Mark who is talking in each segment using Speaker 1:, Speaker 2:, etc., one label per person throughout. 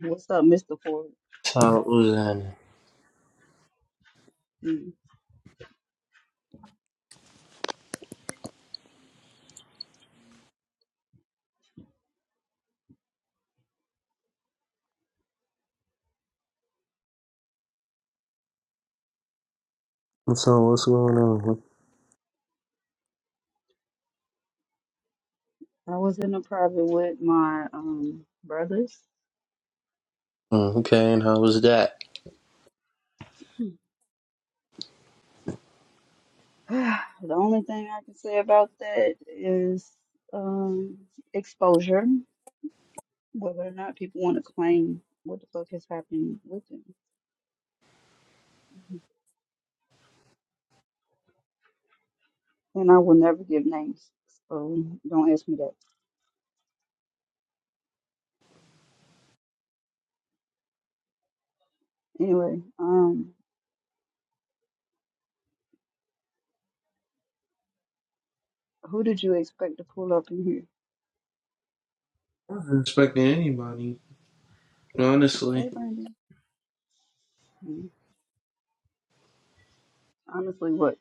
Speaker 1: What's up, Mr. Ford?
Speaker 2: So was that?
Speaker 1: Mm.
Speaker 2: So what's going on? What-
Speaker 1: I was in a private with my um brothers.
Speaker 2: Mm, Okay, and how was that?
Speaker 1: The only thing I can say about that is um exposure, whether or not people want to claim what the fuck has happened with them. And I will never give names, so don't ask me that. Anyway, um, who did you expect to pull up in here?
Speaker 2: I wasn't expecting anybody,
Speaker 1: Hey,
Speaker 2: honestly.
Speaker 1: Brandon. Mm, Honestly, what?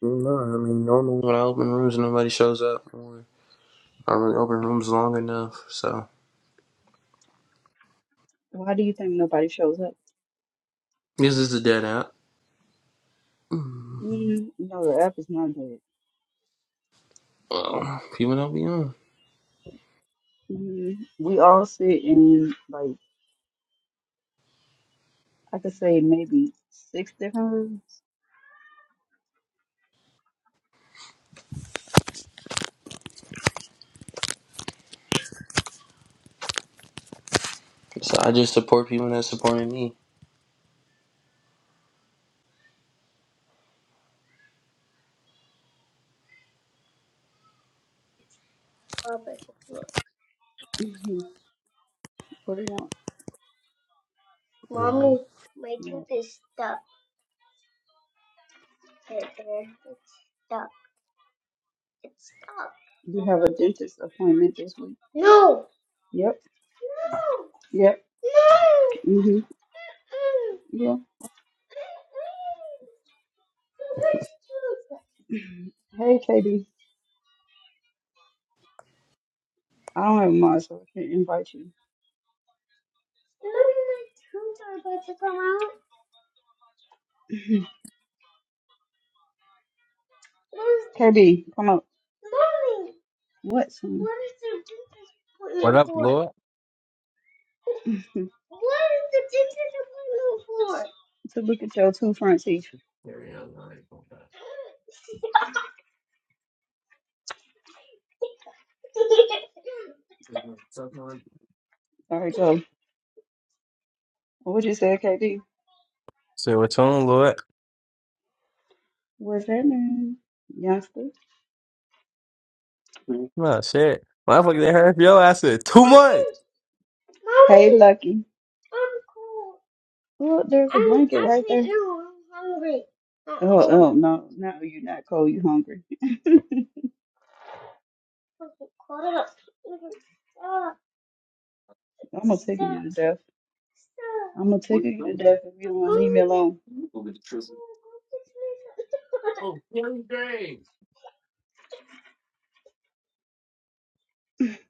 Speaker 2: No, I mean Normally, when I open rooms, nobody shows up. Or I don't really open rooms long enough, so
Speaker 1: Why do you think nobody shows up?
Speaker 2: this is a dead app. Mm.
Speaker 1: Mm, no, the app is not dead.
Speaker 2: Well, people don't be on,
Speaker 1: Mhm. We all sit in like I could say maybe six different rooms.
Speaker 2: so I just support people that supported me.
Speaker 1: hmm What do you want?
Speaker 2: Mm-hmm.
Speaker 1: My tooth is stuck. You have a dentist appointment this week. Yep. Yep. Mhm. Yeah. Hey, KB. I don't have mine, so I can't invite you. KB, come up. What? son? What is the
Speaker 3: What up, Lord?
Speaker 1: dentist? to look at your two front teeth.
Speaker 3: Say
Speaker 1: All right, go. What you said, KB?
Speaker 3: what's on, Lord?
Speaker 1: What's happening, youngster?
Speaker 3: No shit, motherfucker, they hurt your ass in two months.
Speaker 1: Mommy. Hey, Lucky. Oh, there's a I'm blanket right there. Now I'm hungry. Not Oh, cold. oh no, no, you're not cold. you hungry. I'm gonna tickle you to death. I'm gonna tickle you to death if you don't leave me alone.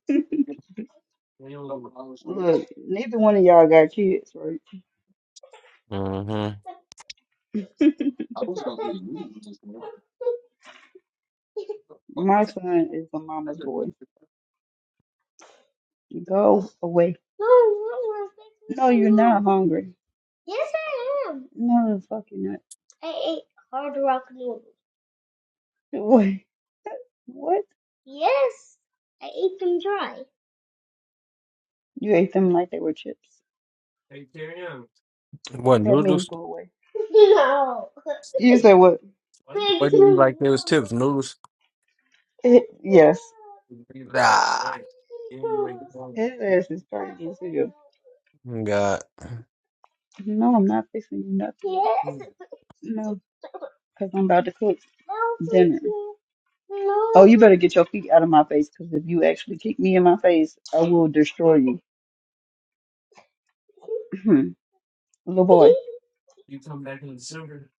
Speaker 1: Look, neither one of y'all got kids, right?
Speaker 3: Mm-hmm.
Speaker 1: My son is a mama's boy. Go away. No, I'm not. No, you're not hungry. No, the fuck you're not. Wait, What? You ate them like they were chips.
Speaker 3: What
Speaker 1: That means
Speaker 3: noodles?
Speaker 1: go away. You said what?
Speaker 3: Wasn't like there was tips noodles.
Speaker 1: Eh, Yes.
Speaker 3: Ah,
Speaker 1: His ass is trying to get to you.
Speaker 3: God.
Speaker 1: No, I'm not fixing you nothing. No, because I'm about to cook dinner. Oh, you better get your feet out of my face because if you actually kick me in my face, I will destroy you. Little boy,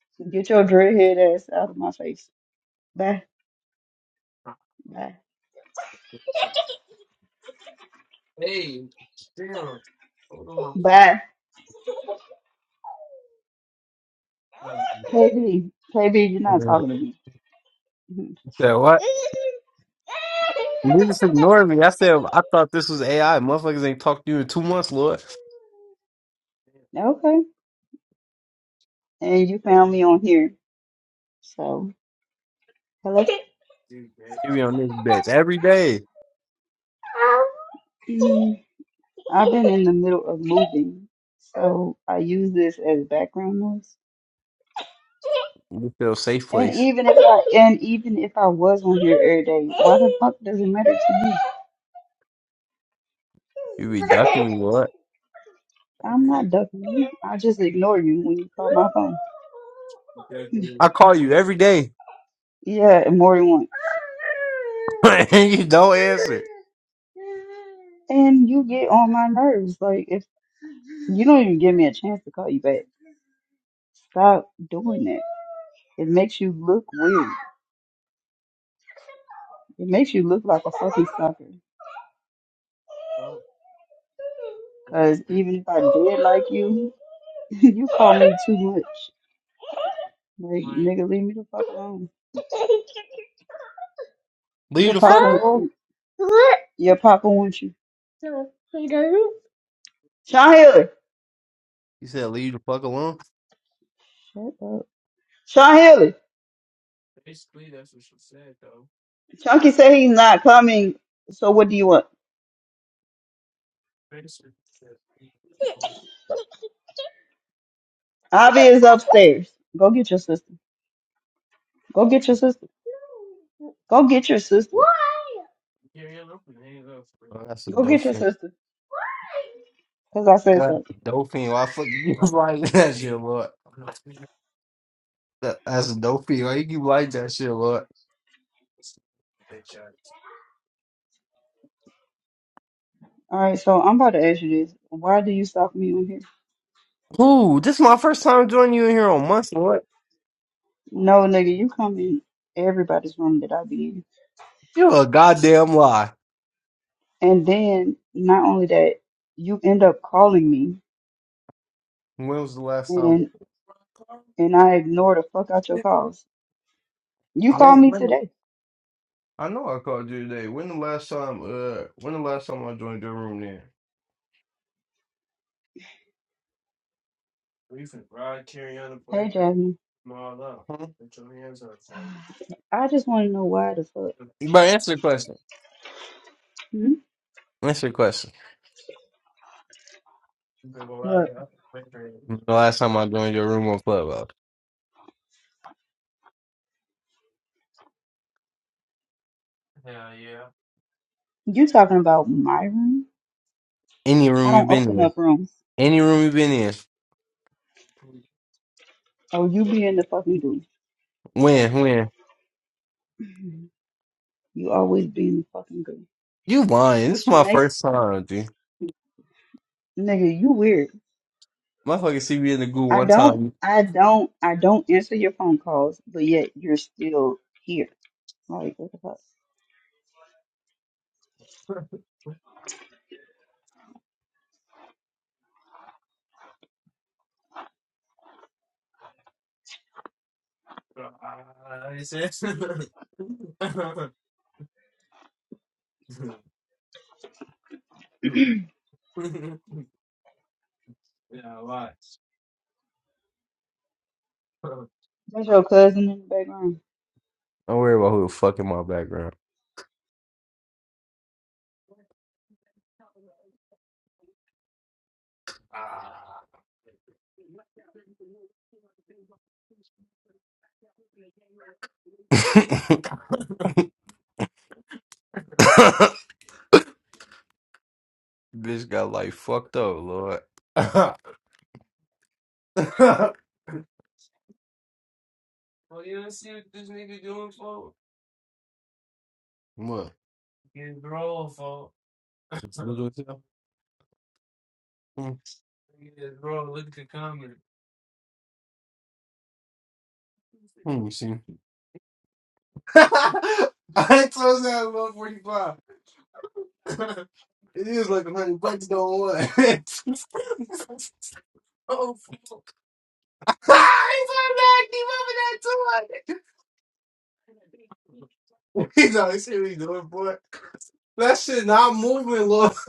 Speaker 1: get your dreadhead ass out of my face. Bye. Bye. Bye. KB, KB, you're not
Speaker 3: Mhm.
Speaker 1: talking to me. Mhm.
Speaker 3: Said what? You just ignored me. I said I thought this was AI. Motherfuckers ain't talked to you in two months, Lord.
Speaker 1: Okay. And you found me on here. So, hello.
Speaker 3: You be on this bitch every day.
Speaker 1: Mm, I've been in the middle of moving. So, I use this as background noise.
Speaker 3: You feel safe
Speaker 1: And
Speaker 3: place.
Speaker 1: even if I and even if I was on here every day, why the fuck does it matter to you?
Speaker 3: You be ducking me, Lord.
Speaker 1: I'm not ducking you. I just ignore you when you call my phone.
Speaker 3: I call you every day,
Speaker 1: Yeah, and more than once.
Speaker 3: and you don't answer.
Speaker 1: And you get on my nerves. Like if you don't even give me a chance to call you back, stop doing that. It makes you look weird. It makes you look like a fucking sucker. Cause even if I did like you, you call me too much. Like, nigga, leave me the fuck alone. You're
Speaker 3: Leave the fuck
Speaker 1: popular.
Speaker 3: alone.
Speaker 1: Your papa wants you. Sean Haley.
Speaker 3: You said leave the fuck alone.
Speaker 1: Shut up. Sean Haley. Chunky said he's not coming. So what do you want? Avi is upstairs. Go get your sister. Go get your sister. Go get your sister.
Speaker 3: Oh, that's a
Speaker 1: Go get your
Speaker 3: dolphin.
Speaker 1: sister. Cause I said
Speaker 3: That's
Speaker 1: so.
Speaker 3: a dolphin. Why fuck you like that shit, Lord? That, that's a dolphin. Why you keep like that shit, Lord?
Speaker 1: All right, so I'm about to ask you this. Why do you stop me on here?
Speaker 3: Ooh, this is my first time joining you in here on months, Lord.
Speaker 1: No, nigga, you come in everybody's room that I be in,
Speaker 3: You a goddamn lie.
Speaker 1: and then not only that, you end up calling me,
Speaker 3: When was the last time?
Speaker 1: and and I ignore the fuck out your calls. You called
Speaker 3: When?
Speaker 1: me
Speaker 3: When?
Speaker 1: today.
Speaker 3: I know I called you today. When the last time? Uh, when the last time I joined your room? Then
Speaker 1: Hey, Jasmine.
Speaker 3: Huh?
Speaker 1: I just want to know why the fuck.
Speaker 3: But answer the question.
Speaker 1: Hmm?
Speaker 3: Answer the question.
Speaker 1: What?
Speaker 3: The last time I joined your room on Clubhouse.
Speaker 1: You talking about my room?
Speaker 3: Any
Speaker 1: I
Speaker 3: room you've
Speaker 1: don't
Speaker 3: been
Speaker 1: open
Speaker 3: in.
Speaker 1: up rooms.
Speaker 3: Any room you've been in.
Speaker 1: Oh, you be in the fucking goo.
Speaker 3: When? When?
Speaker 1: Mhm. You always be in the fucking goo.
Speaker 3: You lying. This is
Speaker 1: Which
Speaker 3: my
Speaker 1: makes,
Speaker 3: first time, dude.
Speaker 1: nigga, you weird.
Speaker 3: Motherfucker see me in the goo
Speaker 1: I
Speaker 3: one
Speaker 1: don't,
Speaker 3: time.
Speaker 1: I don't, I don't answer your phone calls, but yet you're still here. Like, what the fuck? That's your cousin in the background.
Speaker 3: Don't worry about who the fuck in my background. Bitch got like fucked up, Lord. what? What do I tell? Hmm, Let me see. I told you I was 145. it is like 100 bucks, don't want. so fuck. Ah, it's on that. Keep up with that too. He's know, they see what he doing, boy. That shit not moving, Lord.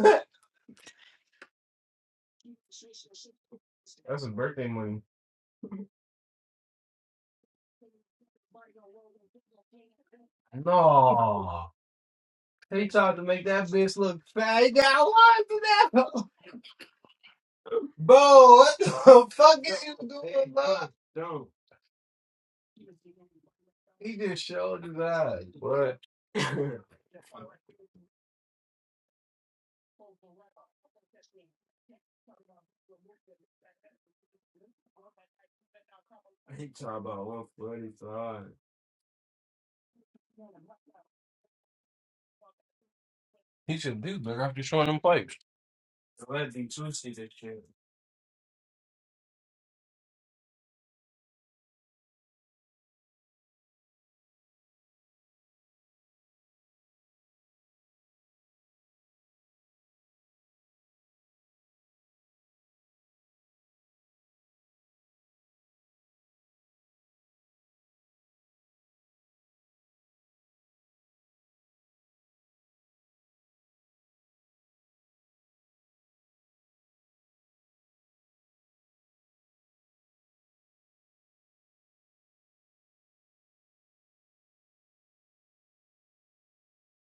Speaker 3: That's his birthday money. No. He tried to make that bitch look fat. He should do better after showing them pipes.